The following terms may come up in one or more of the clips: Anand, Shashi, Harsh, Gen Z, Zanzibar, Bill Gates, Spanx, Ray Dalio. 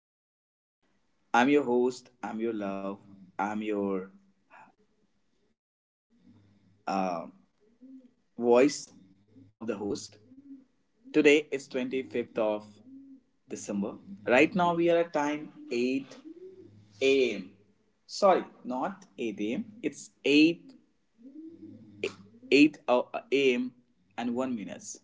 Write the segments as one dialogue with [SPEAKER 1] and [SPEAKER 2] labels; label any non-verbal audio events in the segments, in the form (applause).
[SPEAKER 1] Hi, my listeners. I'm your host. I'm your love. I'm your uh, voice of the host. Today is 25th of December. Right now, we are at time 8 a.m. Sorry, not 8 a.m. It's 8 a.m. and 1 minutes.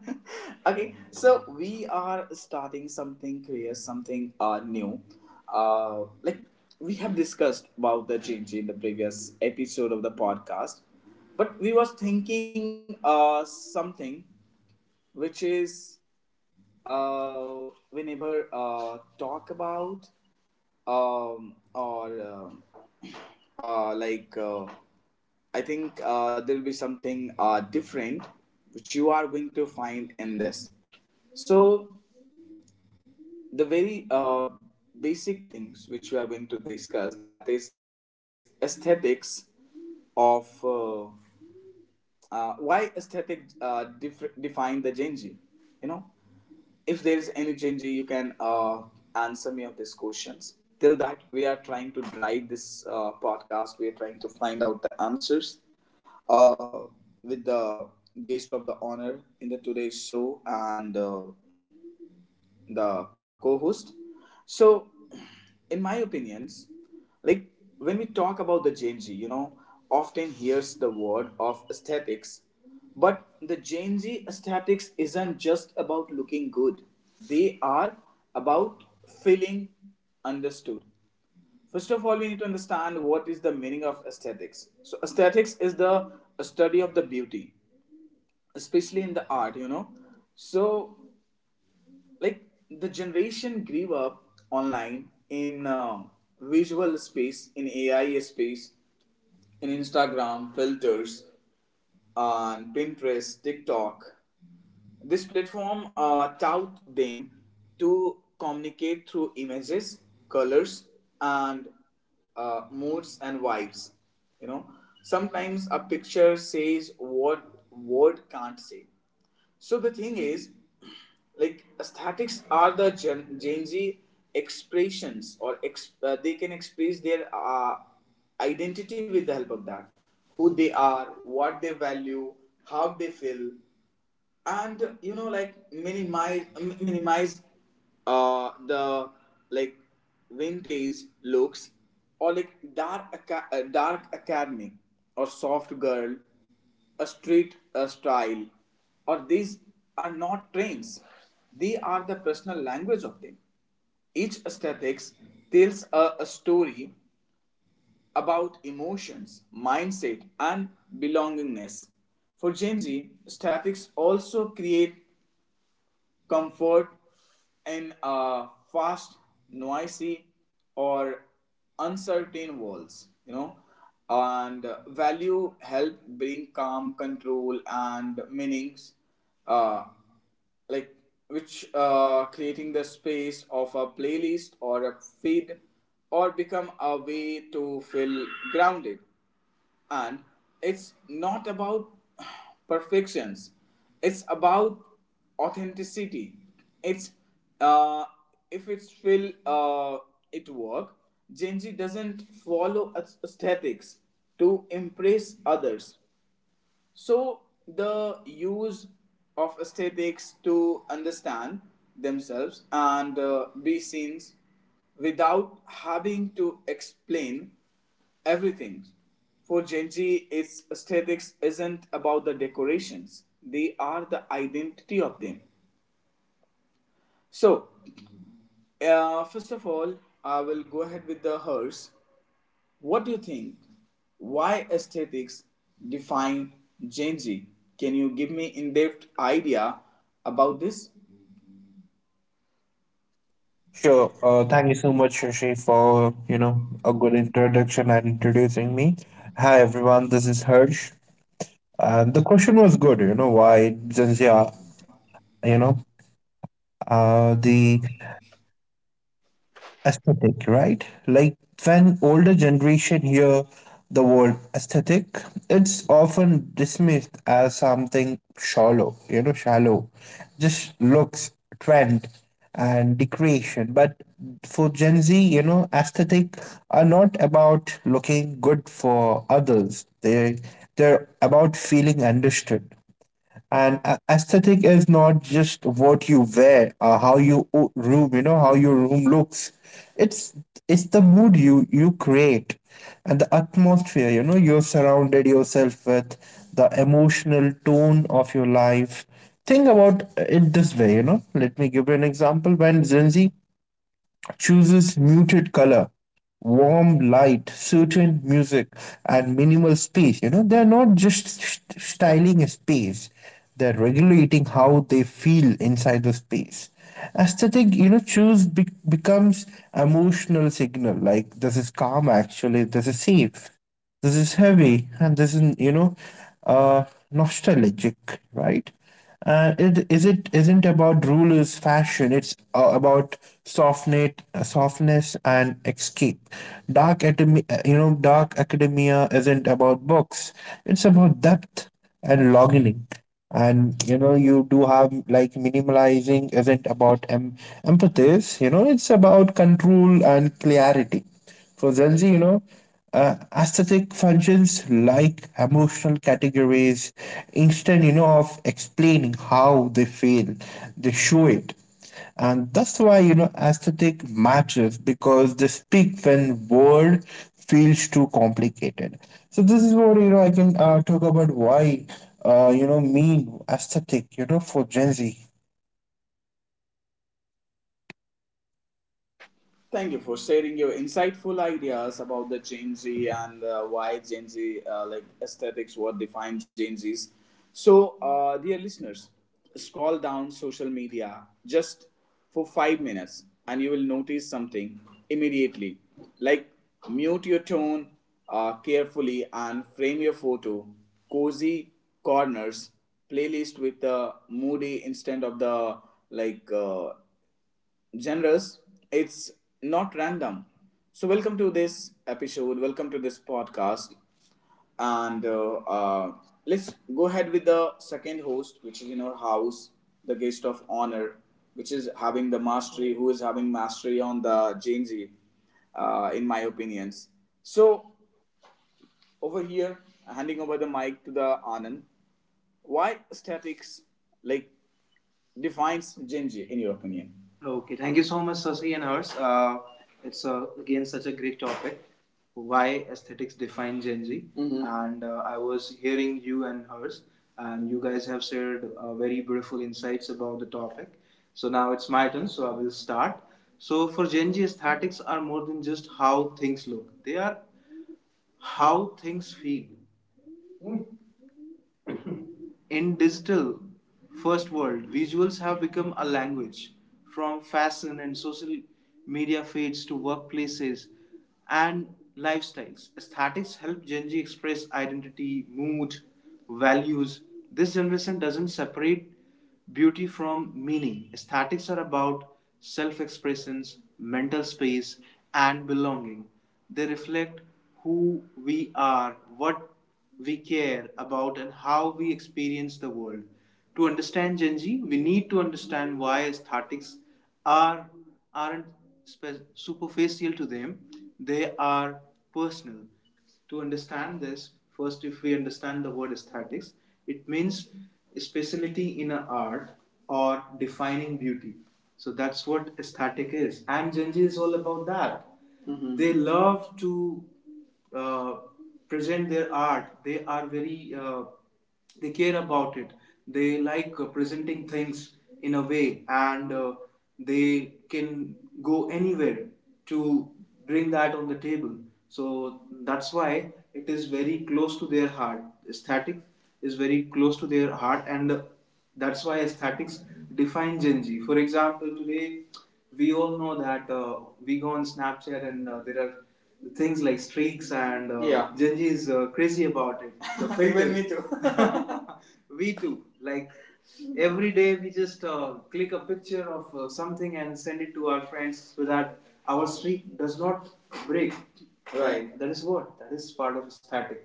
[SPEAKER 1] (laughs) Okay, so we are starting something curious, something new. Like we have discussed about the change in the previous episode of the podcast, but we was thinking something which is uh, we never talk about or like I think there will be something different which you are going to find in this. So the very basic things which we are going to discuss that is aesthetics of why aesthetic define the Genji, you know if there is any change, you can answer me of these questions. Till that, we are trying to drive this podcast. We are trying to find out the answers uh, with the guest of the honor in the today's show and. The co-host. So, in my opinions, like when we talk about the Gen Z, often hears the word of aesthetics, but the Gen Z aesthetics isn't just about looking good. They are about feeling understood. First of all, we need to understand what is the meaning of aesthetics. So, aesthetics is the study of the beauty, especially in the art. So, like the generation grew up online in visual space, in AI space, in Instagram filters, on Pinterest, TikTok. This platform taught them to communicate through images, colors, and moods and vibes. you know Sometimes a picture says what word can't say. So the thing is, like, aesthetics are the Gen Z expressions, or they can express their identity with the help of that: who they are, what they value, how they feel. And like, minimize the, like, vintage looks, or like dark academic, or soft girl, a street, a style, or these are not trends; they are the personal language of them. Each aesthetic tells a story about emotions, mindset, and belongingness. For Gen Z, aesthetics also create comfort in a fast, noisy, or uncertain world. You know, and value help bring calm, control, and meanings. Uh, like which creating the space of a playlist or a feed or become a way to feel grounded, and it's not about (sighs) perfections, it's about authenticity. It's uh, if it's feel it work. Genji doesn't follow aesthetics to impress others. So, the use of aesthetics to understand themselves and be seen without having to explain everything. For Genji, its aesthetics isn't about the decorations, they are the identity of them. So, first of all, I will go ahead with the hers. What do you think? Why aesthetics define Gen Z? Can you give me in-depth idea about this?
[SPEAKER 2] Sure. Thank you so much, Shashi, for a good introduction and introducing me. Hi everyone, this is Harsh. And the question was good. You know, why Zanzibar? You know, the aesthetic, right? Like when older generation hear the word aesthetic, it's often dismissed as something shallow, you know, shallow, just looks, trend, and decoration. But for Gen Z, you know, aesthetic are not about looking good for others. They're about feeling understood. And aesthetic is not just what you wear, how you room, you know, how your room looks. It's it's the mood you create, and the atmosphere, you know, you're surrounded yourself with, the emotional tone of your life. Think about it this way, you know. Let me give you an example. When Gen Z chooses muted color, warm light, certain music, and minimal space. You know, they're not just styling a space, they're regulating how they feel inside the space. Aesthetic, you know, choose becomes emotional signal like this is calm actually, this is safe. This is heavy and this is, you know, uh, nostalgic, right? It isn't about rulers fashion. It's about softness, softness and escape. Dark academia, you know, dark academia isn't about books. It's about depth and longing. And you know, you do have like minimalizing isn't about empathies. You know, it's about control and clarity. For Gen Z, you know, aesthetic functions like emotional categories, instead, you know, of explaining how they feel, they show it. And that's why, you know, aesthetic matters because they speak when word feels too complicated. So this is what, you know, I can talk about why, you know, mean aesthetic, you know, for Gen Z.
[SPEAKER 1] Thank you for sharing your insightful ideas about the Gen Z and why Gen Z, like aesthetics, what define Gen Zs. So, dear listeners, scroll down social media just for 5 minutes and you will notice something immediately. Like, mute your tone carefully and frame your photo. Cozy corners, playlist with the moody instead of the, like, genres, it's not random. So, welcome to this episode, welcome to this podcast, and let's go ahead with the second host, which is in our house, the guest of honor, which is having the mastery, who is having mastery on the Gen Z, in my opinions. So, over here, handing over the mic to the Anand. Why statics, like, defines Genji in your opinion? Okay, thank you so much, Sasi and Hers. It's again such a great topic. Why aesthetics define Gen Z? Mhm. And I was hearing you and hers, and you guys have shared very beautiful insights about the topic. So now it's my turn, so I will start. So for Gen Z, aesthetics are more than just how things look; they are how things feel. In digital first world, visuals have become a language. From fashion and social media feeds to workplaces and lifestyles, aesthetics help Gen Z express identity, mood, values. This generation doesn't separate beauty from meaning. Aesthetics are about self expressions, mental space, and belonging. They reflect who we are, what we care about, and how we experience the world. To understand Gen Z, we need to understand why aesthetics are, aren't superficial to them, they are personal. To understand this, first, if we understand the word aesthetics, it means speciality in an art or defining beauty. So that's what aesthetic is. And Genji is all about that. Mhm. They love to uh, present their art. They are very they care about it, they like presenting things in a way, and they can go anywhere to bring that on the table. So that's why it is very close to their heart. Aesthetic is very close to their heart, and that's why aesthetics define Gen Z. For example, today we all know that we go on Snapchat, and there are things like streaks, and yeah. Gen Z is crazy about it. The (laughs) Even me too. (laughs) (laughs) We too. Like, every day we just click a picture of something and send it to our friends so that our streak does not break. Right. That is what? That is part of static,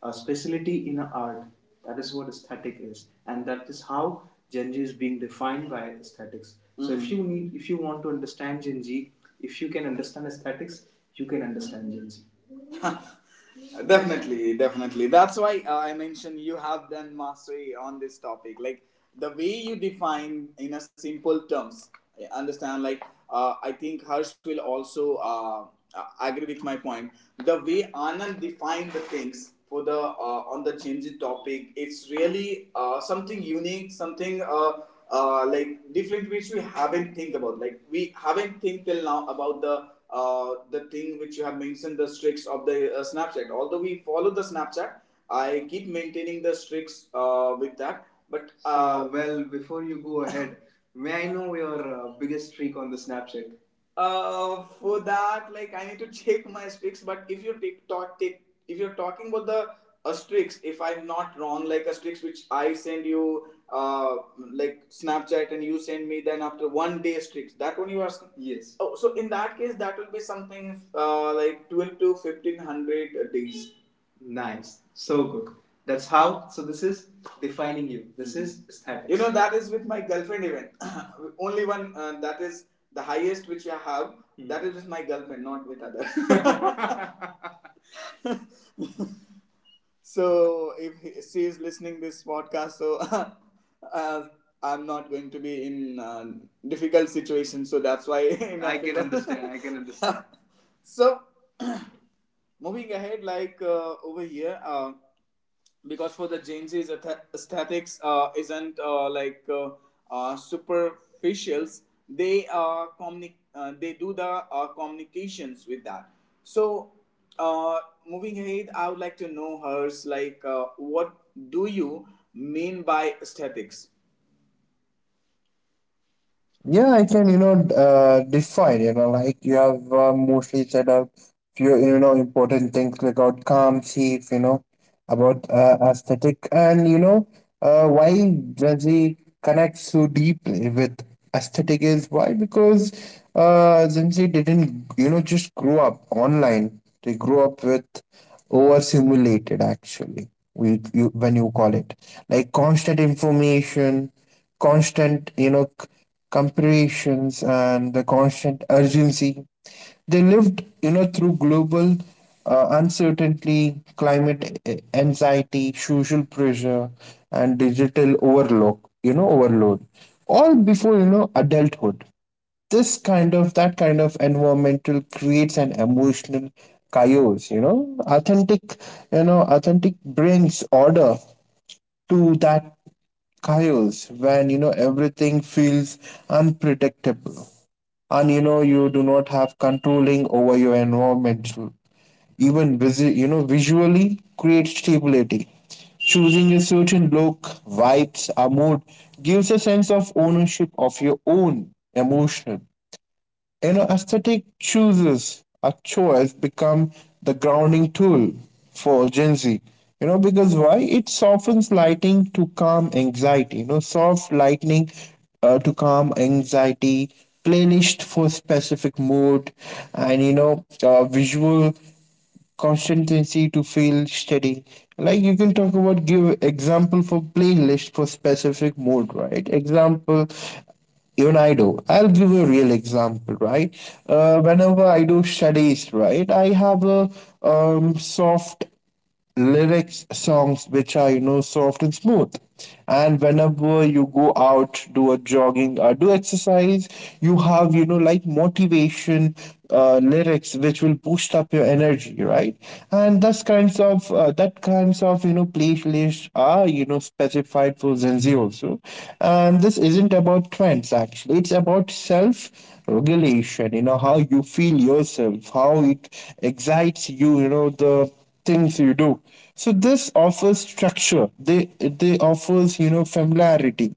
[SPEAKER 1] a specialty in art. That is what aesthetic is, and that is how Gen Z is being defined by aesthetics. Mm-hmm. So if if you want to understand Gen Z, if you can understand aesthetics, you can understand Gen Z, definitely, definitely. That's why I mentioned you have done mastery on this topic. Like, the way you define in a simple terms, I understand. Like, I think Harsh will also agree with my point. The way Anand defined the things for the on the Genji topic, it's really something unique, something like different, which we haven't think about, like we haven't think till now about the thing which you have mentioned, the streaks of the Snapchat. Although we follow the Snapchat, I keep maintaining the streaks with that. But so, well, before you go ahead, (laughs) may I know your biggest streak on the Snapchat? For that, like, I need to check my streaks. But if you take talk, take if you're talking about the streaks, if I'm not wrong, like a streaks which I send you, like Snapchat, and you send me, then after one day streaks, that one you are asking? Yes. Oh, so in that case, that will be something like twelve to fifteen hundred days. Nice. So good. That's how. So this is defining you. This is aesthetics. That is with my girlfriend even. (coughs) (clears throat) Only one, that is the highest which I have. Hmm. That is with my girlfriend, not with others. (laughs) So if she is listening this podcast, so (laughs) uh, I'm not going to be in difficult situation. So that's why (laughs) I can understand. I can understand. So, (clears throat) moving ahead, like over here, because for the Jain's aesthetics isn't superficials, they they do the communications with that. So, uh, moving ahead, I would like to know hers like what do you mean by aesthetics?
[SPEAKER 2] Yeah, I can, you know, define, you know, like you have mostly set out few, you know, important things like outcome, chief, you know, about aesthetic and, you know, why Gen Z connects so deeply with aesthetic is why? Because Gen Z didn't, you know, just grow up online. They grew up with overstimulated, actually, we, you, when you call it, like constant information constant, you know, comparisons and the constant urgency. They lived, you know, through global uncertainty, climate anxiety, social pressure, and digital overload. You know, overload. All before you know adulthood. This kind of that kind of environmental creates an emotional chaos. You know, authentic. You know, authentic brings order to that chaos when you know everything feels unpredictable and you know you do not have controlling over your environment even you know visually creates stability choosing a certain look vibes or mood gives a sense of ownership of your own emotion, you know, aesthetic chooses a choice become the grounding tool for Gen Z. You know, because why? It softens lightning to calm anxiety. You know, soft lightning to calm anxiety, playlist for specific mood, and you know, visual consistency to feel steady like you can talk about give example for playlist for specific mode right example even I do. I'll give a real example, right? Whenever I do studies, right, I have a soft lyrics songs which are you know soft and smooth and whenever you go out do a jogging or do exercise you have you know like motivation lyrics which will boost up your energy right and thus kinds of that kinds of you know playlists are you know specified for zenzi also and this isn't about trends actually it's about self regulation you know how you feel yourself how it excites you you know the things you do. So this offers structure. They offers you know familiarity.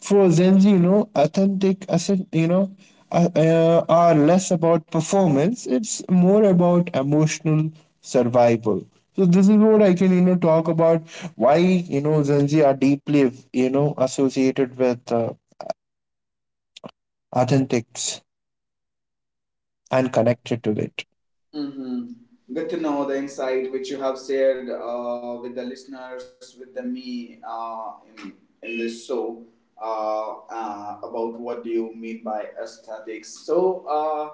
[SPEAKER 2] For Gen Z, you know, authentic asset, you know, are less about performance. It's more about emotional survival. So this is what I can you know talk about why you know Gen Z are deeply you know associated with authentics and connected to it.
[SPEAKER 1] Mm-hmm. Good to know the insight which you have shared with the listeners, with the me in, in this show about what do you mean by aesthetics. So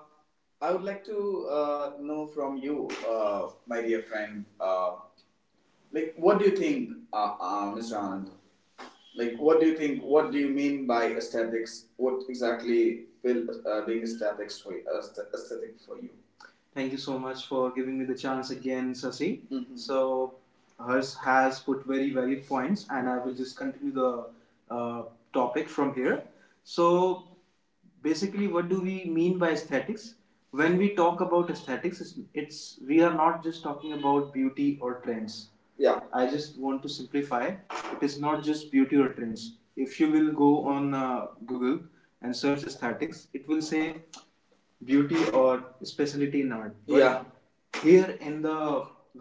[SPEAKER 1] I would like to know from you, my dear friend, like what do you think, Mr. Anand? Like what do you think? What do you mean by aesthetics? What exactly feel being aesthetics for aesthetic for you? Thank you so much for giving me the chance again, Sasi. Mhm. So hers has put very valid points, and I will just continue the uh, topic from here. So basically, what do we mean by aesthetics? When we talk about aesthetics, it's we are not just talking about beauty or trends. Yeah. I just want to simplify. It is not just beauty or trends. If you will go on Google and search aesthetics, it will say beauty or specialty in art. But yeah. Here in the,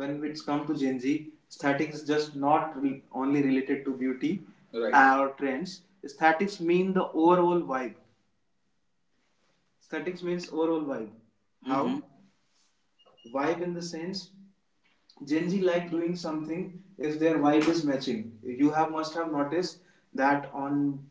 [SPEAKER 1] when it's come to Gen Z, aesthetics is just not only related to beauty. Right. Or trends. Aesthetics mean the overall vibe. Aesthetics means overall vibe. How? Mm-hmm. Vibe in the sense Gen Z like doing something if their vibe is matching. You have must have noticed that on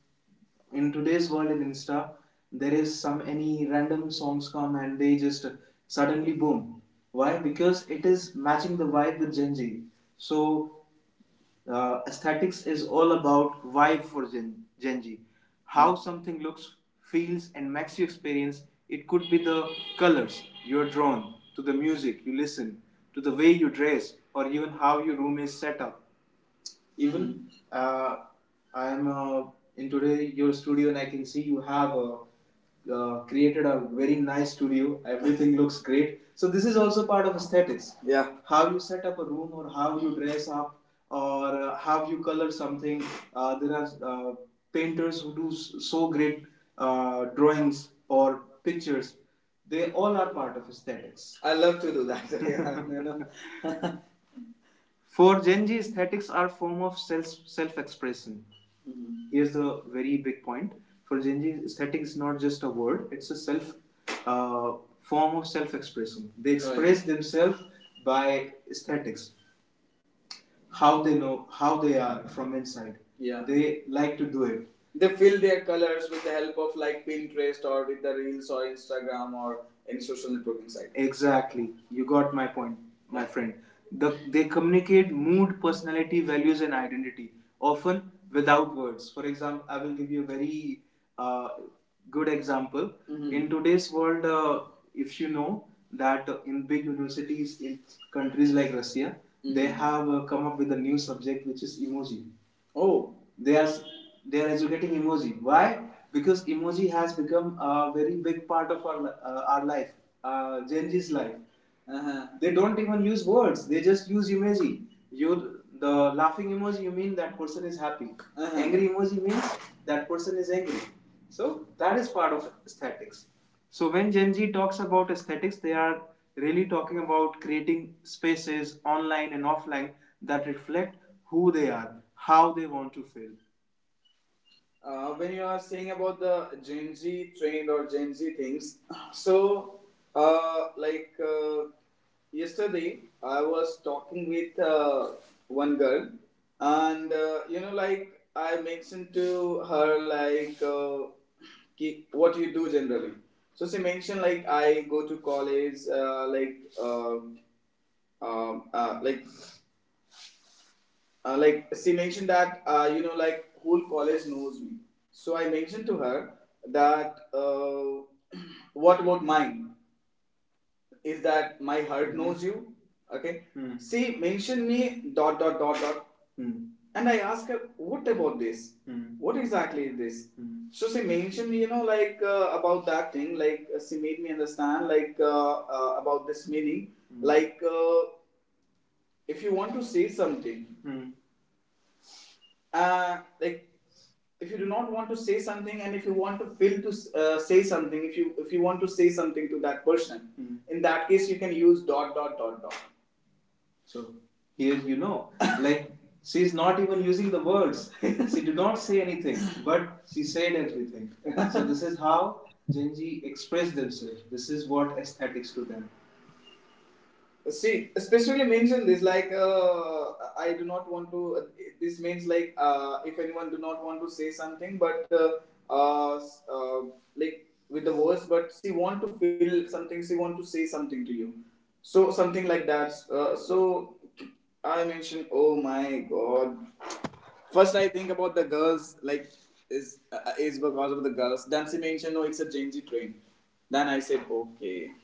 [SPEAKER 1] in today's world in Insta, there is some any random songs come and they just suddenly boom. Why? Because it is matching the vibe with Gen Z. So aesthetics is all about vibe for Gen Z. How something looks, feels, and makes you experience. It could be the colors you're drawn to, the music you listen to, the way you dress, or even how your room is set up. Even I am in today your studio, and I can see you have created a very nice studio. Everything (laughs) looks great. So this is also part of aesthetics. Yeah. How you set up a room, or how you dress up, or how you color something. There are painters who do so great drawings or pictures. They all are part of aesthetics. I love to do that. (laughs) Yeah, you know, for Genji, aesthetics are a form of self expression. Here's the very big point. For Genji, aesthetics is not just a word; it's a self uh, form of self expression. They express right. themselves by aesthetics, how they know, how they are from inside. Yeah. They like to do it they fill their colors with the help of like Pinterest or with the reels or Instagram or any social networking site. Exactly. You got my point, my friend. They communicate mood, personality, values, and identity, often without words. For example, I will give you a very uh, good example. Mhm. In today's world, if you know that in big universities in countries like Russia, mm-hmm, they Mhm. have come up with a new subject which is emoji. Oh, they are educating emoji. Why? Because emoji has become a very big part of our life, Gen Z's life. Uh-huh. They don't even use words; they just use emoji. You the laughing emoji, you mean that person is happy. Uh-huh. Angry emoji means that person is angry. So that is part of aesthetics. So when Gen Z talks about aesthetics, they are really talking about creating spaces online and offline that reflect who they are, how they want to feel, when you are saying about the Gen Z trend or Gen Z things, so uh, like uh, yesterday I was talking with one girl, and you know, like I mentioned to her like what you do generally. So she mentioned like I go to college, um, uh, like she mentioned that you know like whole college knows me so I mentioned to her that (clears throat) what about mine is that my heart knows you okay. Hmm. She mentioned me dot dot dot dot. Hmm. And I asked her what about this. Hmm. What exactly is this. Hmm. So she mentioned you know like about that thing like she made me understand like about this meaning. Hmm. Like if you want to say something. Hmm. uh, like if you do not want to say something and if you want to feel to say something if you want to say something to that person, mm-hmm, in that case you can use dot dot dot dot. So here you know, (laughs) like she is not even using the words. (laughs) She did not say anything, but she said everything. (laughs) So this is how Genji express themselves. This is what aesthetics to them. See, specifically mention this like I do not want to. This means like if anyone do not want to say something, but uh, uh, like with the words, but she want to feel something. She want to say something to you. So something like that. So I mentioned, oh my god. First, I think about the girls like is because of the girls. Then she mentioned, no, it's a Genji train. Then I said, okay.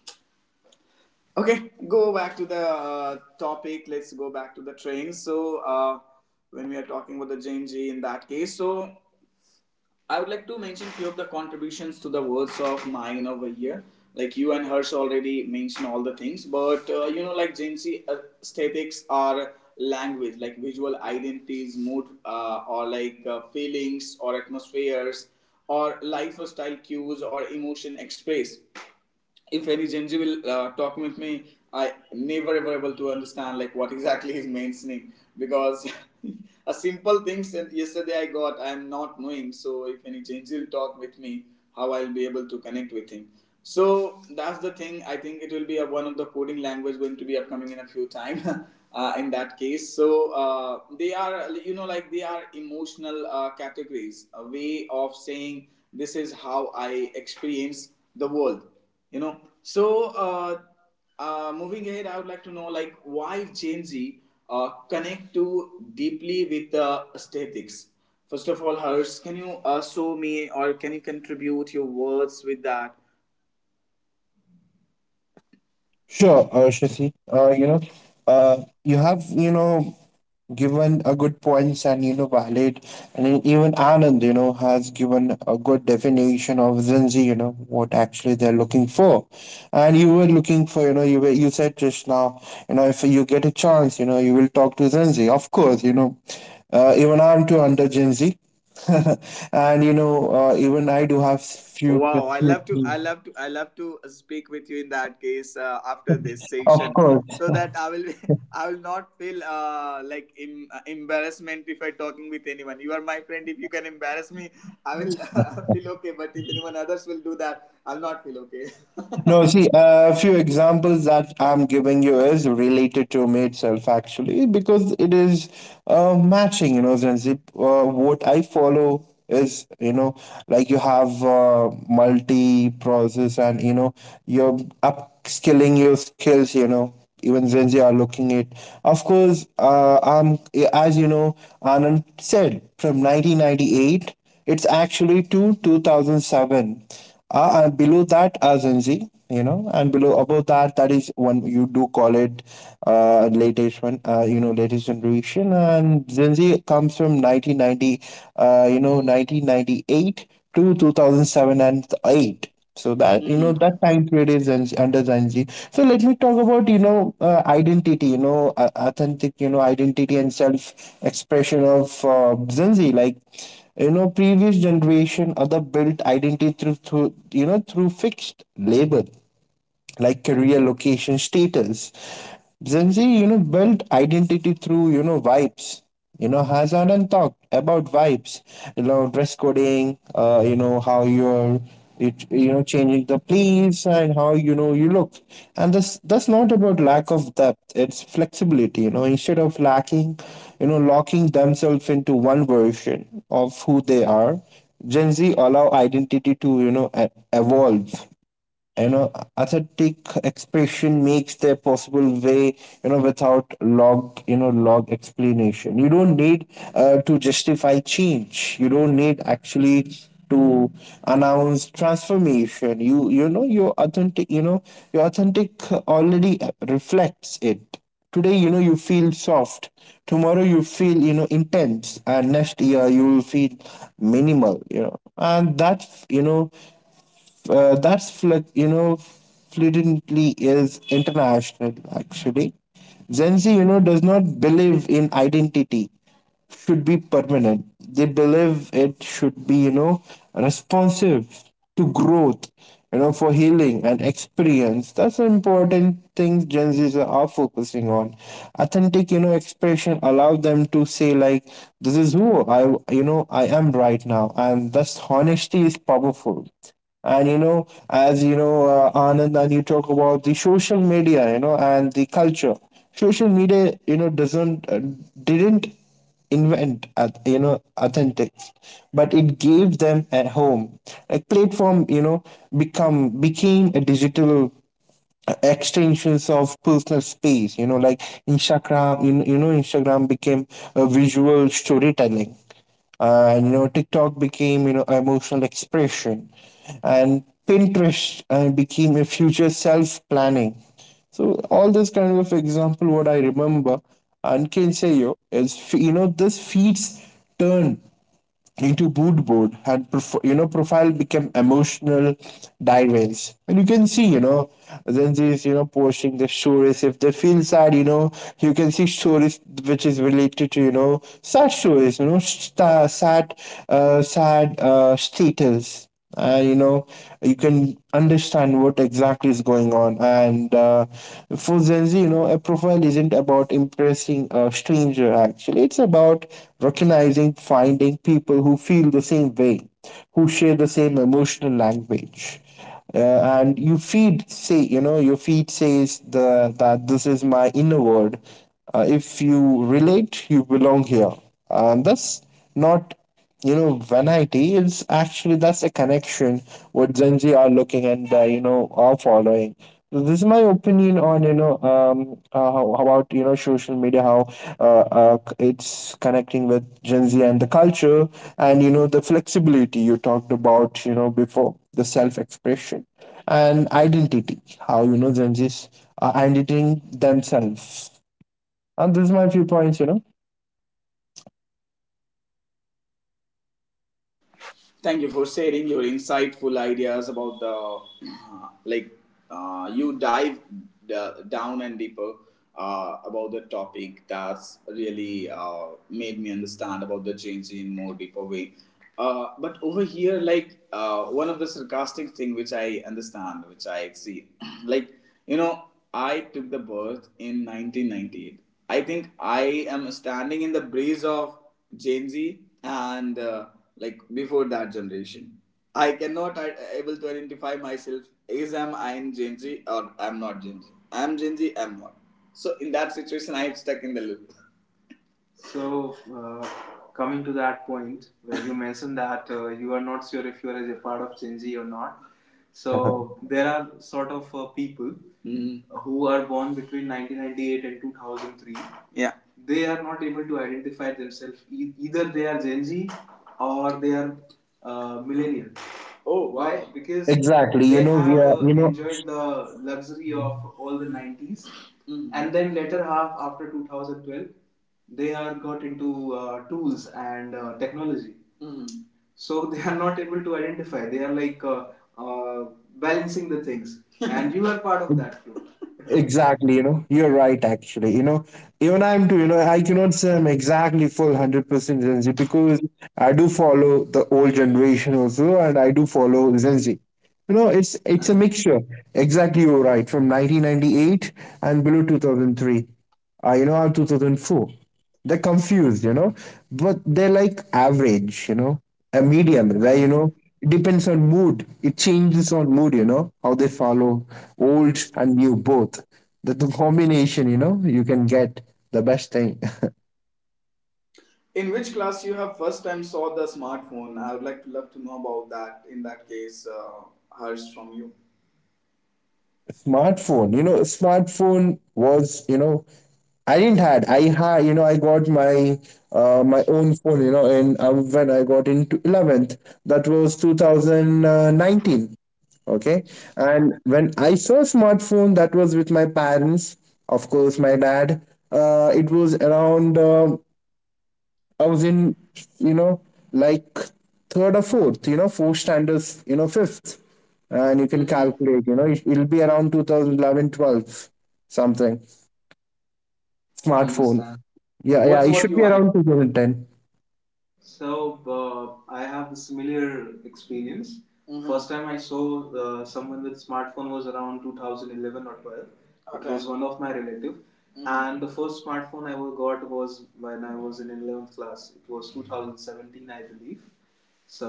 [SPEAKER 1] Okay, go back to the topic. Let's go back to the train. So, when we are talking about the JNG in that case, so I would like to mention few of the contributions to the words of mine over here. Like you and Hirsch already mentioned all the things, but you know, like JNG aesthetics are language, like visual identities, mood, or like feelings or atmospheres, or lifestyle cues or emotion express if any Genji talking with me, I never ever able to understand like what exactly he's mentioning because (laughs) a simple thing said yesterday I got I am not knowing. So if any Genji will talk with me, how I'll be able to connect with him. So that's the thing. I think it will be one of the coding language going to be upcoming in a few time. (laughs) In that case, so they are you know like they are emotional categories, a way of saying this is how I experience the world, you know. So moving ahead I would like to know like why gen z connect too deeply with the aesthetics. First of all Hers, can you show me or can you contribute your words with that?
[SPEAKER 2] Sure, Shashi. You know, uh, you have you know given a good points and you know valid and then even Anand you know has given a good definition of Gen Z you know what actually they're looking for and you were looking for you know you were you said just now you know if you get a chance you know you will talk to Gen Z of course you know even I'm too under Gen Z (laughs) and you know even I do have few
[SPEAKER 1] Wow, I love to, I
[SPEAKER 2] perspectives.
[SPEAKER 1] love to, I love to speak with you in that case after this
[SPEAKER 2] Of
[SPEAKER 1] session,
[SPEAKER 2] course.
[SPEAKER 1] so that I will, (laughs) I will not feel embarrassment if I talking with anyone. You are my friend. If you can embarrass me, I will (laughs) feel okay. But if anyone others will do that, I'll not feel okay.
[SPEAKER 2] No,
[SPEAKER 1] (laughs)
[SPEAKER 2] see, a few examples that I'm giving you is related to me itself, actually, because it is matching, you know, Zanzib. What I follow is, you know, like you have multi process and, you know, you're upskilling your skills, you know. Even Zenzi are looking at. Of course, I'm as you know, Anand said from 1998, it's actually to 2007 and below that are Gen Z, you know, and below above that, that is one you do call it latest one, you know, latest generation. And Gen Z comes from 1990, you know, 1998 to 2007 and 8. So that you know
[SPEAKER 1] Mhm.
[SPEAKER 2] that time period is under Zanji. So let me talk about you know identity, you know authentic, you know identity and self expression of Zanji. Like you know previous generation other built identity through you know through fixed labor like career location status Gen Z, you know, built identity through, you know, vibes. You know, has Anand talked about vibes, you know, dress coding, you know, how you're, it, you know, changing the place and how, you know, you look. And this, that's not about lack of depth. It's flexibility, you know, instead of lacking, you know, locking themselves into one version of who they are, Gen Z allow identity to, you know, evolve you know authentic expression makes their possible way you know without log you know log explanation you don't need to justify change you don't need actually to announce transformation you you know your authentic you know your authentic already reflects it today you know you feel soft tomorrow you feel you know intense and next year you will feel minimal you know and that you know you know fluently is international actually. Gen Z you know does not believe in identity should be permanent. They believe it should be you know responsive to growth, you know for healing and experience. That's an important thing Gen Z's are focusing on. Authentic you know expression allow them to say like this is who I you know I am right now, and thus honesty is powerful and you know, as you know, Anand, and you talk about the social media, you know, and the culture. Social media, you know, doesn't didn't invent, you know, authentic, but it gave them a home. A platform, you know, become became a digital extensions of personal space you know like instagram you, you know instagram became a visual storytelling and you know tiktok became you know emotional expression and pinterest became a future self planning so all this kind of example what I remember and can say yo is you know this feeds turn into mood board and you know profile became emotional diaries and you can see you know then there is you know posting the stories if they feel sad you know you can see stories which is related to you know sad stories you know sta sad sad status you know you can understand what exactly is going on and for gen z you know a profile isn't about impressing a stranger actually it's about recognizing finding people who feel the same way who share the same emotional language and you feed say you know your feed says the that this is my inner world if you relate you belong here and that's not you know vanity it's actually that's a connection what gen z are looking and you know are following this is my opinion on you know how about you know social media how it's connecting with gen z and the culture and you know the flexibility you talked about you know before the self expression and identity how you know gen z's are identifying themselves and this is my few points you know.
[SPEAKER 1] Thank you for sharing your insightful ideas about the (clears throat) like you dive down and deeper about the topic. That's really made me understand about the change in more deeper way. But over here, like one of the sarcastic thing which I understand, which I see, (clears throat) like you know, I took the birth in 1998. I think I am standing in the breeze of Gen Z and. Like before that generation. I cannot able to identify myself is am I in Gen Z or I'm not Gen Z. I'm Gen Z, I'm not. So in that situation, I'm stuck in the loop. So, coming to that point where you mentioned that you are not sure if you are a part of Gen Z or not. So, there are sort of people, Mhm, who are born between 1998 and 2003. Yeah. They are not able to identify themselves. Either they are Gen Z or they are millennial. Oh, wow. Why?
[SPEAKER 2] (laughs)
[SPEAKER 1] Because
[SPEAKER 2] Exactly you
[SPEAKER 1] they
[SPEAKER 2] know we
[SPEAKER 1] have
[SPEAKER 2] are you know.
[SPEAKER 1] enjoyed the luxury of all the 90s, Mhm, and then later half after 2012 they are got into tools and technology. Mhm. So they are not able to identify they are like uh, balancing the things (laughs) and you are part of that group. (laughs)
[SPEAKER 2] Exactly, you know, you're right actually. You know, even I'm too, you know, I cannot say I'm exactly full 100% Gen Z because I do follow the old generation also and I do follow Gen Z. You know, it's a
[SPEAKER 1] Uh-huh.
[SPEAKER 2] mixture. Exactly, you're right. From 1998 and below 2003. You know, I 2004. They're confused, but they're like average, a medium where,
[SPEAKER 1] Uh-huh.
[SPEAKER 2] it depends on mood. It changes on mood, how they follow old and new both. That the combination, you can get the best thing. (laughs)
[SPEAKER 1] In which class you have first time saw the smartphone? I would like to love to know about that. In that case, Harsh, from you.
[SPEAKER 2] Smartphone, smartphone was. I didn't had I had, I got my, my own phone, and when I got into 11th. That was 2019. Okay. And when I saw smartphone, that was with my parents, of course my dad. It was around, I was in, you know, like third or fourth, four standards, fifth. And you can
[SPEAKER 1] Mm-hmm.
[SPEAKER 2] calculate, it'll be around 2011, 12, something. Smartphone.
[SPEAKER 1] Understand.
[SPEAKER 2] Yeah, yeah,
[SPEAKER 1] What's
[SPEAKER 2] it
[SPEAKER 1] what
[SPEAKER 2] should be
[SPEAKER 1] you.
[SPEAKER 2] around 2010.
[SPEAKER 1] So I have a similar experience. Mm-hmm. First time I saw someone with smartphone was around 2011 or 12. Okay. It Okay. was one of my relative, Mm-hmm, and the first smartphone I got was when I was in 11th class. It was 2017, I believe. So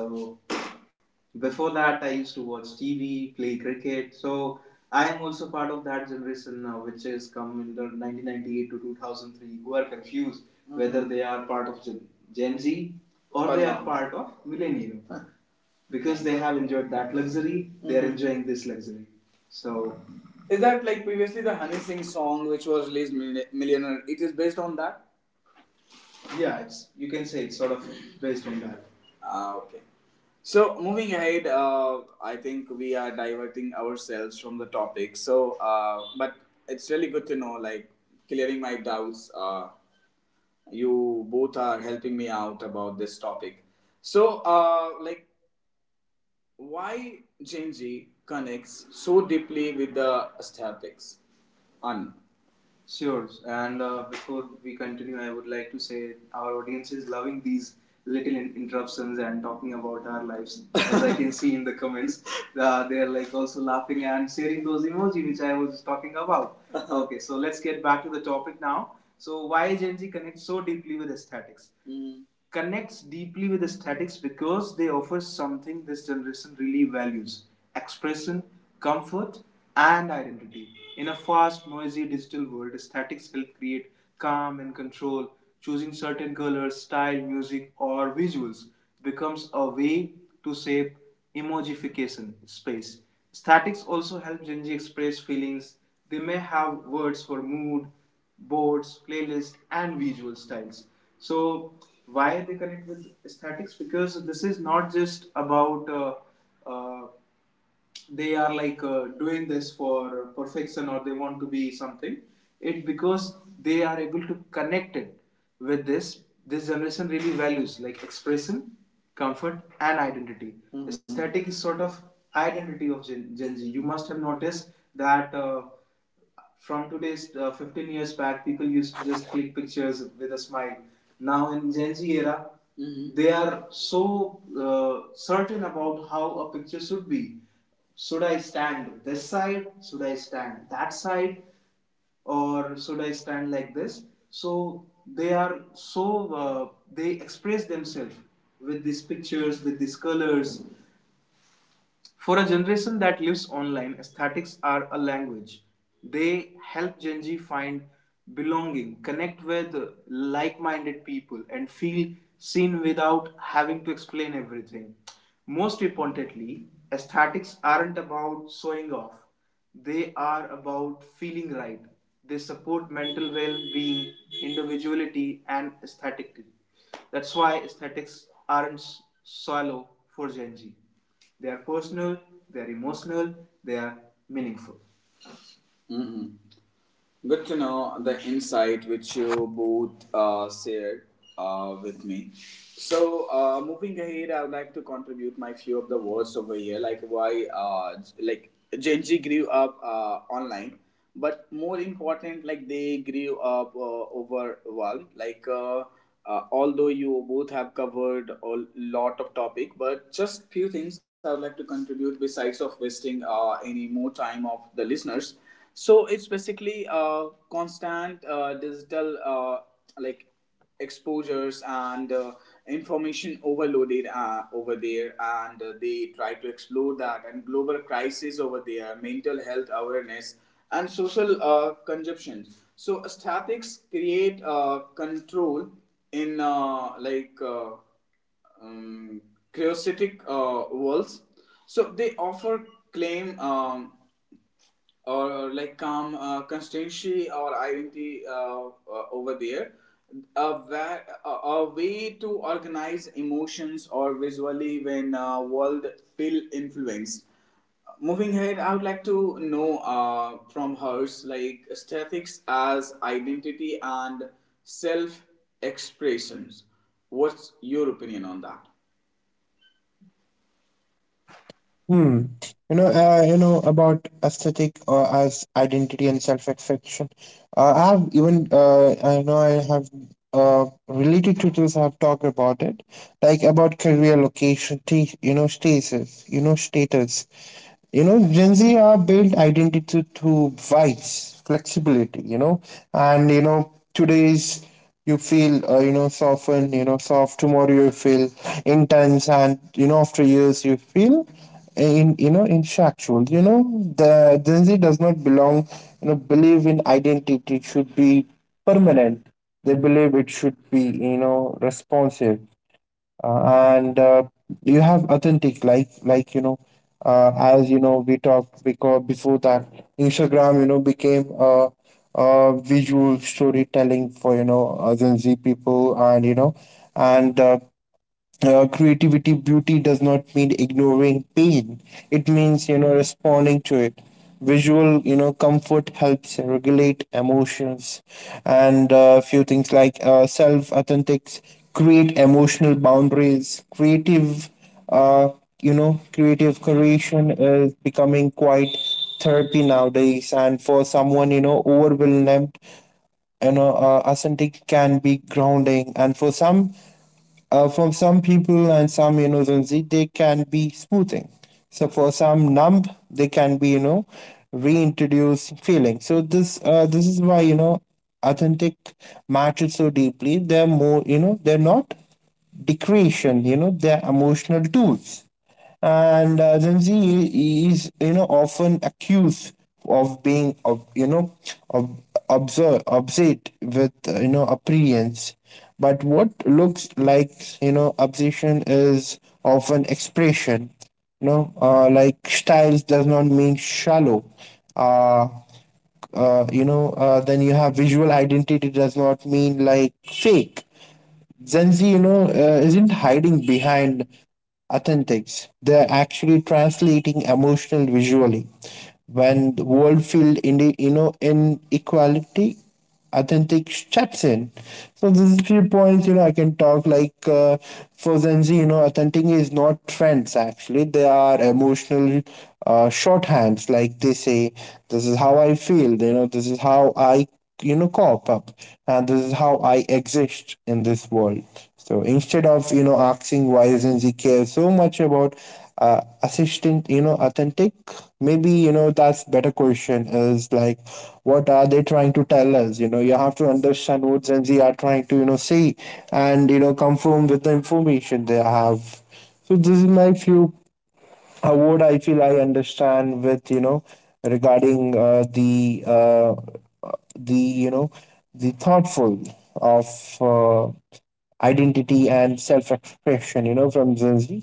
[SPEAKER 1] before that, I used to watch TV, play cricket. So I am also part of that generation now, which is come under 1998 to 2003, who are confused, mm-hmm, whether they are part of Gen, Z or they are part of millennial. (laughs) Because they have enjoyed that luxury. Mm-hmm. They are Mhm. enjoying this luxury. So is that like previously the Honey Singh song which was released Millionaire? It is based on that? Yeah, it's you can say it's sort of based on that. Ah, okay. So moving ahead, I think we are diverting ourselves from the topic. So, but it's really good to know, like clearing my doubts. You both are helping me out about this topic. So, like, why Genji connects so deeply with the aesthetics? Un. Sure. And before we continue, I would like to say our audience is loving these little interruptions and talking about our lives. As I can (laughs) see in the comments, (laughs) they are like also laughing and sharing those emoji which I was talking about. Okay, so let's get back to the topic now. So why Gen Z connects so deeply with aesthetics? Mm. Connects deeply with aesthetics because they offer something this generation really values: expression, comfort, and identity. In a fast, noisy digital world, aesthetics help create calm and control. Choosing certain colors, style, music, or visuals becomes a way to shape emojification space. Aesthetics also help Gen Z express feelings. They may have words for mood, boards, playlists, and visual styles. So, why they connect with aesthetics? Because this is not just about uh, uh, they are like doing this for perfection, or they want to be something it because they are able to connect it with this, this generation really values like expression, comfort, and identity. Mhm. Aesthetic is sort of identity of Gen Z. You must have noticed that from today's 15 years back, people used to just click pictures with a smile. Now in Gen Z era, mhm, they are so certain about how a picture should be. Should I stand this side? Should I stand that side? Or should I stand like this? So they are so, they express themselves with these pictures, with these colors. For a generation that lives online, aesthetics are a language. They help Gen Z find belonging, connect with like minded people, and feel seen without having to explain everything. Most importantly, aesthetics aren't about showing off, they are about feeling right. They support mental well being, individuality, and aesthetically. That's why aesthetics aren't shallow for Gen Z. They are personal, they are emotional, they are meaningful. Mm-hmm. Good to know the insight which you both shared with me. So, moving ahead, I would like to contribute my few of the words over here, like why, like Gen Z grew up online, but more important, like they grew up overwhelmed. Like, although you both have covered a lot of topic, but just few things I would like to contribute besides of wasting any more time of the listeners. So it's basically constant digital, like exposures and, information overloaded over there, and they try to explore that, and global crisis over there, mental health awareness and social consumption. So aesthetics create control in, um, chaotic worlds. So they offer claim, or like Kam, constancy or identity over there, a, va- a way to organize emotions or visually when world feel influenced. Moving ahead, I would like to know from hers, like aesthetics as identity and self expressions, what's your opinion on that?
[SPEAKER 2] Hmm. You know about aesthetic, as identity and self-expression. I have even, I know I have, related tutors have talked about it, like about career, location, status, status. Gen Z are built identity through vice flexibility, Today's you feel, softened, soft. Tomorrow you feel intense, and, after years you feel, in, intellectual. The Gen Z does not belong, believe in identity should be permanent. They believe it should be, responsive, and you have authentic, as you know we talked, because before that Instagram, became a visual storytelling for, Gen Z people. And you know and Creativity beauty does not mean ignoring pain, it means, responding to it. Visual, comfort helps regulate emotions, and a few things like, self authentics create emotional boundaries. Creative, uh, creative creation is becoming quite therapy nowadays, and for someone, overwhelmed, authentic can be grounding, and for some, for some people and some, Zanzi, they can be smoothing. So for some numb, they can be, reintroduce feeling. So this, this is why, authentic matters so deeply. They're more, they're not decoration. You know they're emotional tools. And Gen Z is, often accused of being of, of observe obsessed with, appearance, but what looks like, obsession is often expression. Like styles does not mean shallow, uh, then you have visual identity does not mean like fake. Gen Z, isn't hiding behind authentics. They're actually translating emotional visually. When the world field in the, inequality, authentic steps in. So this is few points, I can talk, like, for Gen Z, authentic is not trends actually. They are emotional, shorthands. Like they say, this is how I feel. You know, this is how I, cop up, and this is how I exist in this world. So instead of, asking why doesn't he care so much about, assistant, authentic, maybe, that's better question is like, what are they trying to tell us? You know you have to understand what Gen Z are trying to, say, and, confirm with the information they have. So this is my few, what I feel I understand, with, regarding, the, the you know the thoughtful of, uh, identity and self-expression, from Gen Z,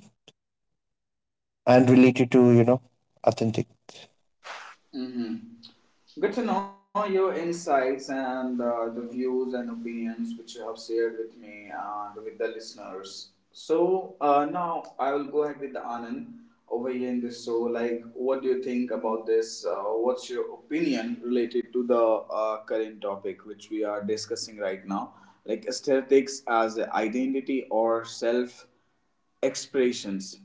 [SPEAKER 2] and related to, authentic.
[SPEAKER 1] Mm-hmm. Good to know your insights and the views and opinions which you have shared with me and with the listeners. So, now I will go ahead with the Anand over here in this show. Like, what do you think about this? What's your opinion related to the current topic which we are discussing right now? Like aesthetics as a identity or self expressions.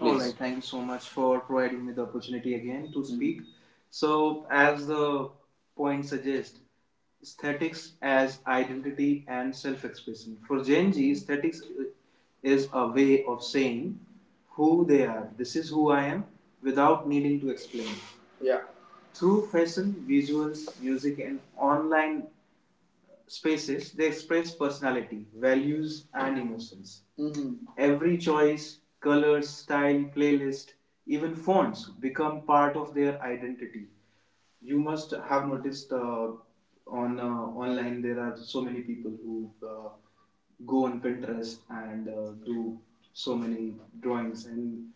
[SPEAKER 1] All right. Thank you so much for providing me the opportunity again to speak. Mm. So, as the point suggests, aesthetics as identity and self expression. For Gen Z, aesthetics is a way of saying who they are. This is who I am without needing to explain. Yeah. Through fashion, visuals, music, and online spaces, they express personality, values, and emotions. Mhm. Every choice, color, style, playlist, even fonts become part of their identity. You must have noticed, on, online there are so many people who go on Pinterest and do so many drawings, and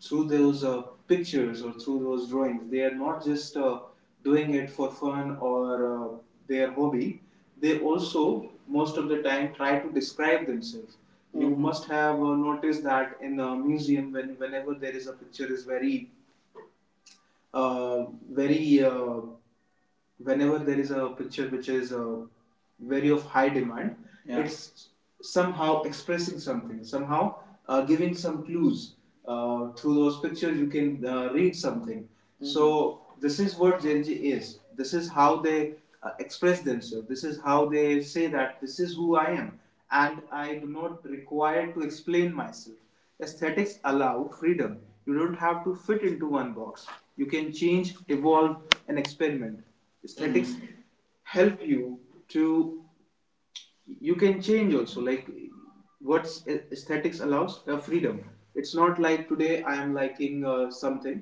[SPEAKER 1] through those pictures or through those drawings they are not just doing it for fun or, uh, their hobby. They also most of the time try to describe themselves. Mm-hmm. You, mhm, must have noticed that in a museum, when whenever there is a picture is very, uh, very uh, whenever there is a picture which is very of high demand. Yeah. It's somehow expressing something, somehow giving some clues through those pictures. You can read something. Mm-hmm. So this is what Gen Z is, this is how they express themselves, this is how they say that this is who I am, and I do not require to explain myself. Aesthetics allow freedom. You don't have to fit into one box. You can change, evolve, and experiment. Aesthetics help you to, you can change also, like, what aesthetics allows, freedom. It's not like today I am liking something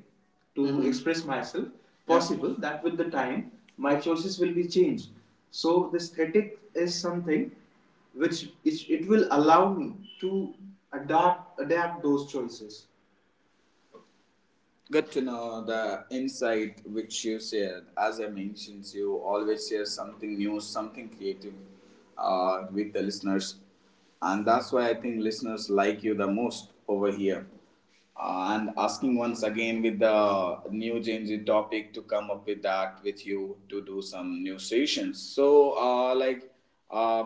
[SPEAKER 1] to, mhm, express myself. Possible, yeah, that with the time my choices will be changed. So the aesthetic is something which it will allow me to adapt those choices. Good to know the insight which you shared. As I mentioned, you always share something new, something creative with the listeners. And that's why I think listeners like you the most over here. And asking once again with the new changing topic to come up with that with you to do some new sessions. So, uh,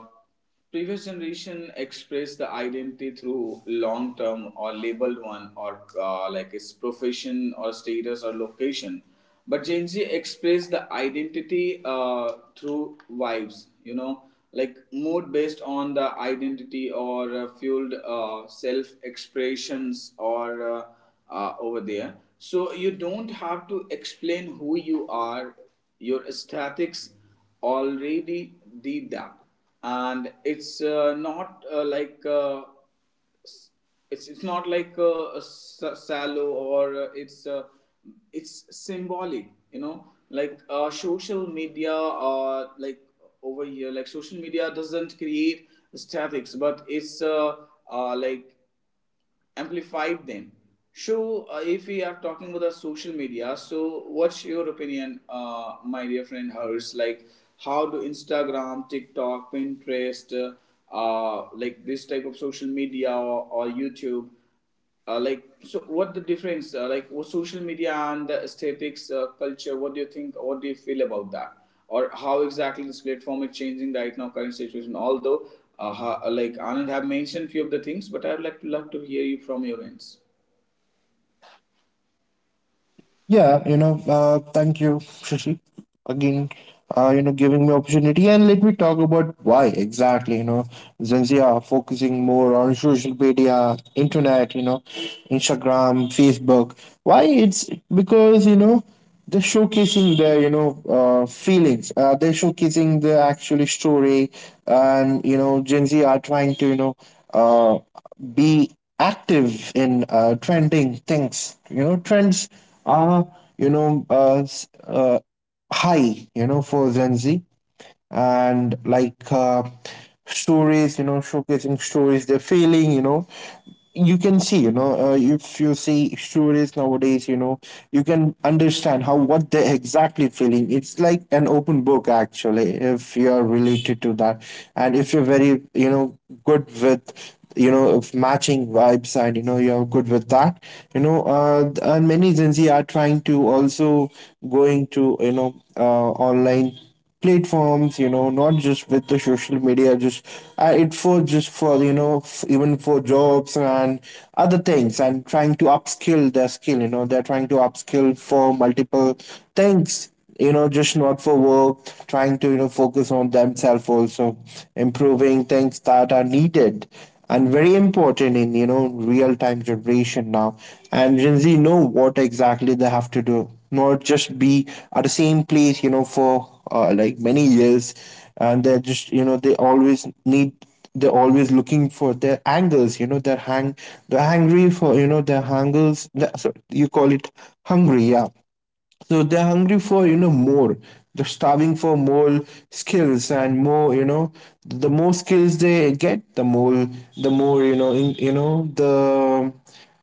[SPEAKER 1] previous generation expressed the identity through long term or labeled one or, like its profession or status or location, but Gen Z expressed the identity through vibes, you know, like mood based on the identity or, fueled self expressions or, over there. So you don't have to explain who you are, your aesthetics already did that. And it's not, it's not like a sallow or, it's symbolic, you know, like, social media, like over here, like social media doesn't create statics, but it's, like amplified then. So if we are talking about the social media, so what's your opinion, my dear friend hers, like how do Instagram, TikTok, Pinterest, like this type of social media, or YouTube, like so what the difference, like what social media and the aesthetics culture, what do you think, what do you feel about that? Or how exactly this platform is changing right now current situation, although like Anand have mentioned few of the things, but I'd like to love to hear you from your ends.
[SPEAKER 2] Yeah, thank you, Shashi, again, giving me opportunity, and let me talk about why exactly, Gen Z are focusing more on social media, internet, Instagram, Facebook. Why? It's because, they're showcasing their, feelings, they're showcasing the actually story. And, Gen Z are trying to, uh, be active in, trending things. You know trends are, you know uh, s- uh, high, for Gen Z, and like, stories, showcasing stories they're feeling, you know. You can see, if you see stories nowadays, you can understand how what they're exactly feeling. It's like an open book, actually, if you're related to that. And if you're very, good with, of matching vibes, and, you're good with that, and many Gen Z are trying to also going to, online platforms. Not just with the social media, just, it for just for, even for jobs and other things, and trying to upskill their skill. They're trying to upskill for multiple things, just not for work, trying to, focus on themselves also, improving things that are needed, and very important in, real time generation now. And Gen Z know what exactly they have to do, not just be at the same place, for, like many years. And they're just, they always need, they're always looking for their angles, they're hungry for, their hangles. The, sorry, you call it hungry. Yeah. So they're hungry for, more. They're starving for more skills and more, the more skills they get, the more, in, the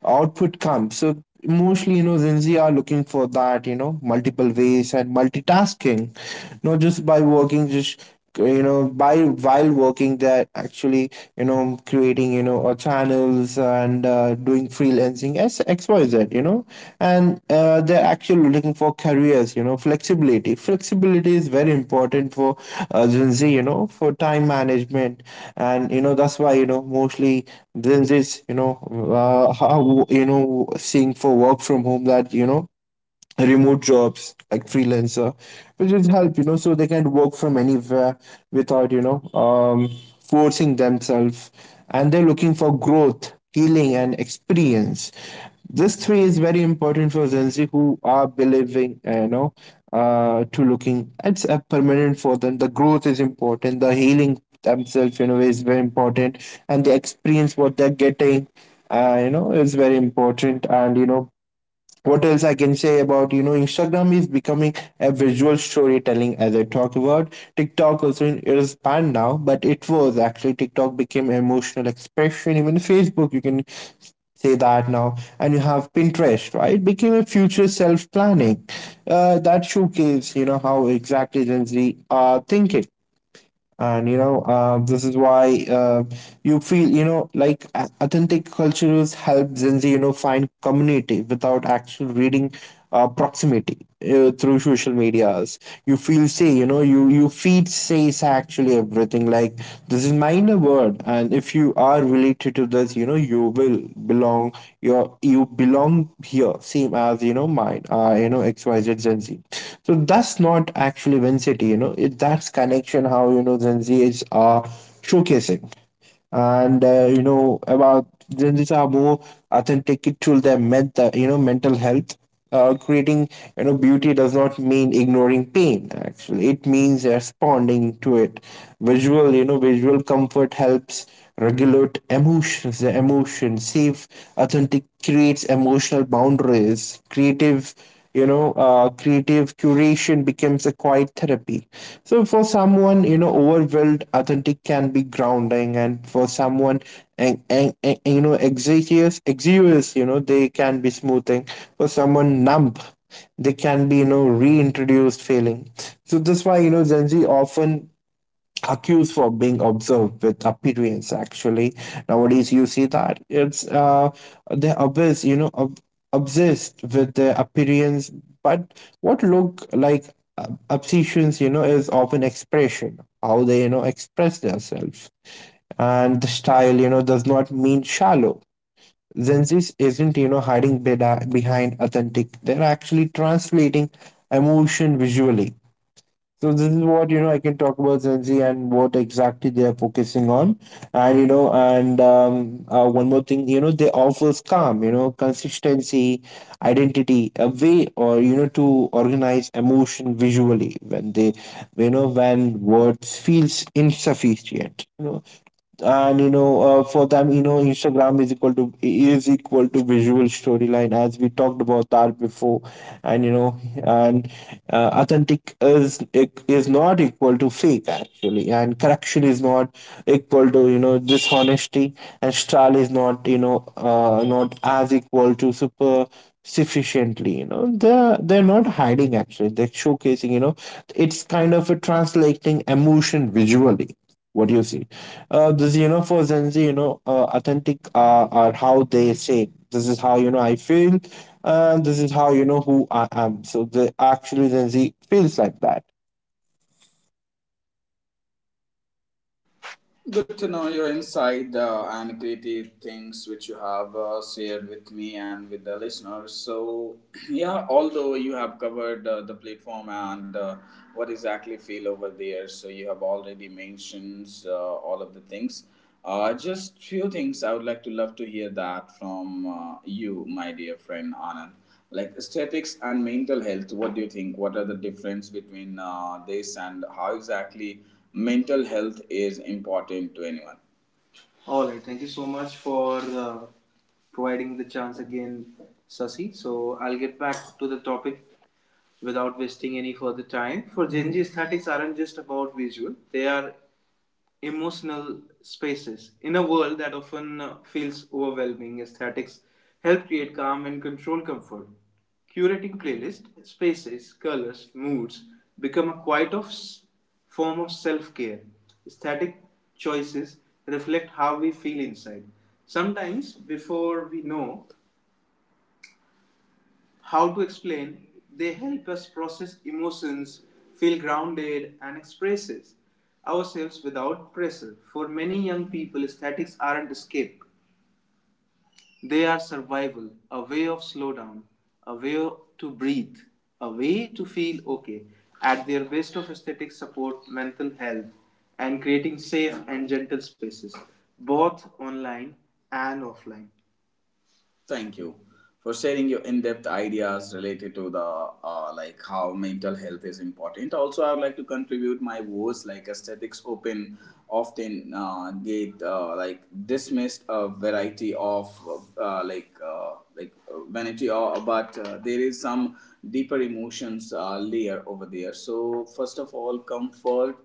[SPEAKER 2] output comes. So mostly, Gen Z are looking for that, multiple ways and multitasking. Not just by working, just, by while working they're actually, creating, channels, and, doing freelancing as XYZ, you know and they're actually looking for careers, flexibility. Flexibility is very important for, Gen Z, for time management. And, that's why, mostly Gen Z's, you know how you know seeing for work from home, that, remote jobs like freelancer, which is help, so they can work from anywhere without, forcing themselves. And they're looking for growth, healing and experience. This three is very important for Gen Z, who are believing, to looking it's a permanent for them. The growth is important, the healing themselves, is very important, and the experience what they're getting, is very important. And, what else I can say about, Instagram is becoming a visual storytelling, as I talked about. TikTok also it is banned now, but it was actually, TikTok became emotional expression. Even Facebook you can say that now. And you have Pinterest, right? It became a future self planning, that showcase, how exactly Gen Z are thinking. And, this is why, you feel, like authentic cultures help Gen Z, find community without actual reading, proximity, through social medias. You feel say, you, you feed says actually everything. Like this is my inner word, and if you are related to this, you will belong. Your you belong here, same as, mine, XYZ Gen Z. So that's not actually Vincity, it, that's connection how, Gen Z is, showcasing. And, about Gen Zs are more authentic to their mental, mental health. Creating, beauty does not mean ignoring pain, actually. It means responding to it. Visual, visual comfort helps regulate emotions, the emotion, safe. Authentic creates emotional boundaries. Creative, creative curation becomes a quiet therapy. So for someone, overwhelmed, authentic can be grounding. And for someone, and exiguous exiguous, they can be smoothing. For someone numb, they can be, reintroduced feeling. So that's why, Gen Z often accused for being observed with appearance. Actually, nowadays you see that, it's uh, they're obsessed, obsessed with their appearance. But what look like obsessions, is often expression, how they, express themselves. And the style, does not mean shallow. Gen Z isn't, hiding behind authentic. They're actually translating emotion visually. So this is what, I can talk about Gen Z, and what exactly they are focusing on. And, one more thing, they offers calm, consistency, identity, a way or, to organize emotion visually, when they, when words feels insufficient, you know, and you know for them, Instagram is equal to visual storyline, as we talked about that before. And you know and uh, authentic is not equal to fake actually. And correction is not equal to, dishonesty, and style is not, not as equal to super sufficiently. They're not hiding actually, they're showcasing, it's kind of a translating emotion visually. What do you see? This, for Gen Z, authentic, are how they say, this is how, I feel, and this is how, who I am. So the actually Gen Z feels like that.
[SPEAKER 1] Good to know your insight and creative things which you have shared with me and with the listeners. So, (clears throat) yeah, although you have covered the platform and, what exactly feel over there, so you have already mentioned all of the things. Just few things I would like to love to hear that from, you, my dear friend Anand, like aesthetics and mental health, what do you think, what are the difference between this, and how exactly mental health is important to anyone? All right, thank you so much for uh, providing the chance again, Sasi. So I'll get back to the topic without wasting any further time. For Gen Z, aesthetics aren't just about visual; they are emotional spaces. In a world that often feels overwhelming, aesthetics help create calm and control comfort. Curating playlists, spaces, colors, moods become a quiet of form of self-care. Aesthetic choices reflect how we feel inside. Sometimes, before we know how to explain, they help us process emotions, feel grounded, and express ourselves without pressure. For many young people, statics aren't escape, they are survival, a way of slow down, a way to breathe, a way to feel okay. At their best of aesthetics support mental health and creating safe and gentle spaces, both online and offline. Thank you for sharing your in-depth ideas related to the, like how mental health is important. Also, I would like to contribute my voice, like aesthetics open often get like dismissed a variety of, vanity, or but there is some deeper emotions layer over there. So first of all, comfort,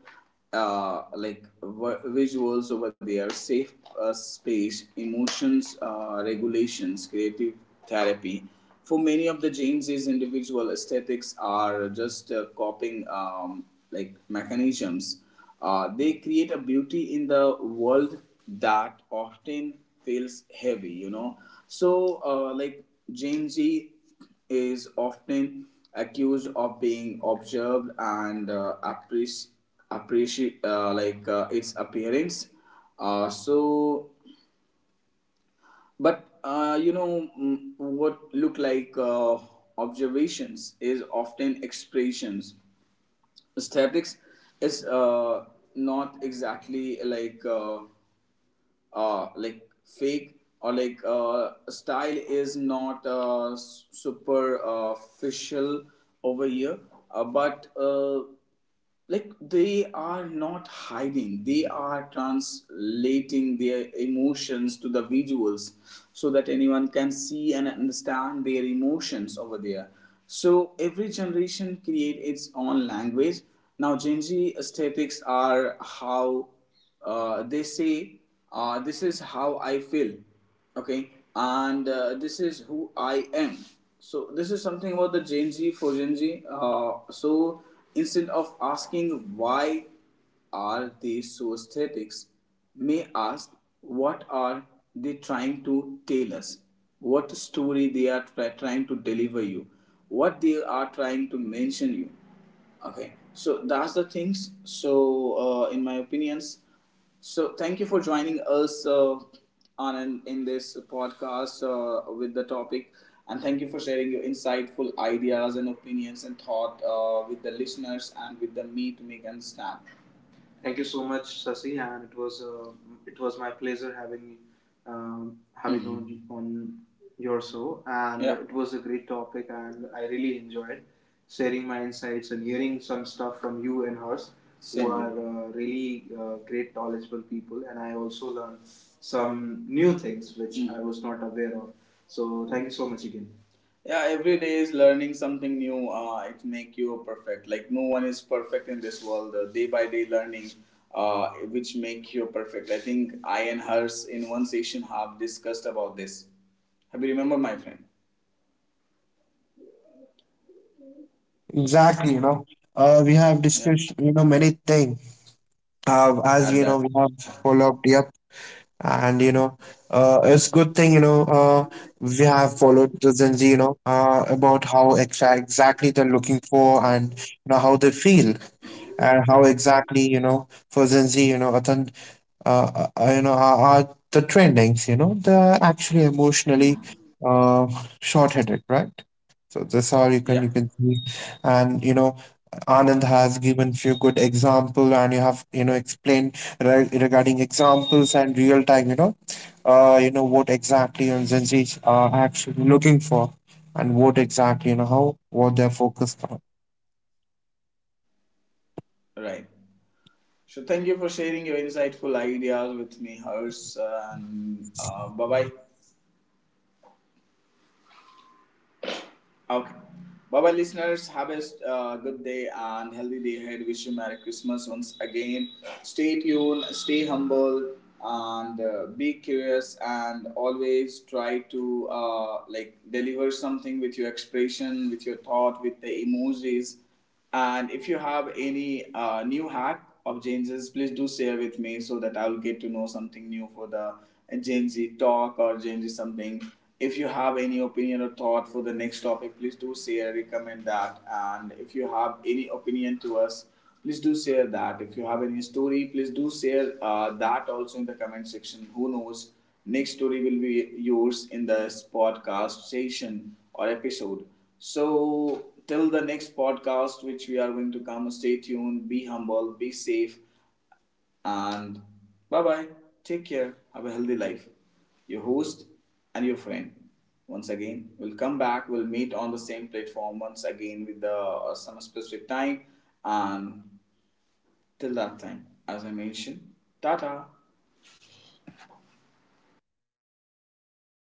[SPEAKER 1] like visuals over there, safe space, emotions regulations, creative therapy. For many of the James's individual, aesthetics are just copying, like mechanisms. They create a beauty in the world that often feels heavy, you know. So, like James G is often accused of being observed and appreciate its appearance. So, but you know, mm, what look like observations is often expressions. Aesthetics is not exactly like, like fake, or like, uh, style is not super official over here, but like they are not hiding, they are translating their emotions to the visuals, so that anyone can see and understand their emotions over there. So every generation create its own language. Now Gen Z aesthetics are how they say, this is how I feel. Okay. And this is who I am. So this is something about the Gen Z, for Gen Z. uh, so instead of asking why are they so aesthetics, may ask, what are they trying to tell us? What story they are trying to deliver you? What they are trying to mention you? Okay, so that's the things. So, in my opinions, so thank you for joining us in this podcast with the topic, and thank you for sharing your insightful ideas and opinions and thought with the listeners and with the me to make and snap. Thank you so much, Sasi, and it was my pleasure having mm-hmm. you on your show, and, yeah, it was a great topic, and I really enjoyed sharing my insights and hearing some stuff from you and hers, Same, who are really great knowledgeable people, and I also learned some new things which, mhm, I was not aware of. So thank you so much again. Yeah, every day is learning something new. It make you perfect, like no one is perfect in this world. Day by day learning which make you perfect. I think I and hers in one session have discussed about this. Have you remember, my friend?
[SPEAKER 2] Exactly, We have
[SPEAKER 1] Yeah,
[SPEAKER 2] discussed, many things. As
[SPEAKER 1] at
[SPEAKER 2] you
[SPEAKER 1] that.
[SPEAKER 2] know, we have followed up, and, it's good thing, we have followed the Gen Z, about how exactly they're looking for, and you know how they feel. And how exactly, for Gen Z, are the trendings, they're actually emotionally,
[SPEAKER 1] Mhm.
[SPEAKER 2] uh, short-headed, right? So that's how
[SPEAKER 1] Yeah.
[SPEAKER 2] you can see. And, Anand has given few good example, and you have, explained regarding examples and real time, what exactly on Gen Z are actually looking for, and what exactly, how what they're focused on.
[SPEAKER 1] Right. So thank you for sharing your insightful ideas with me, hers, and bye bye. Okay. Bye bye, listeners. Have a, good day and healthy day ahead. Wish you Merry Christmas once again. Stay tuned, stay humble, and be curious. And always try to like deliver something with your expression, with your thought, with the emojis. And if you have any new hack of Gen Z's, please do share with me so that I will get to know something new for the Gen Z talk or Gen Z something. If you have any opinion or thought for the next topic, please do share, recommend that. And if you have any opinion to us, please do share that. If you have any story, please do share that also in the comment section. Who knows? Next story will be yours in this podcast session or episode. So, till the next podcast, which we are going to come, stay tuned, be humble, be safe, and bye bye. Take care. Have a healthy life. Your host and your friend. Once again, we'll come back. We'll meet on the same platform once again with the some specific time. And till that time, as I mentioned, Tata.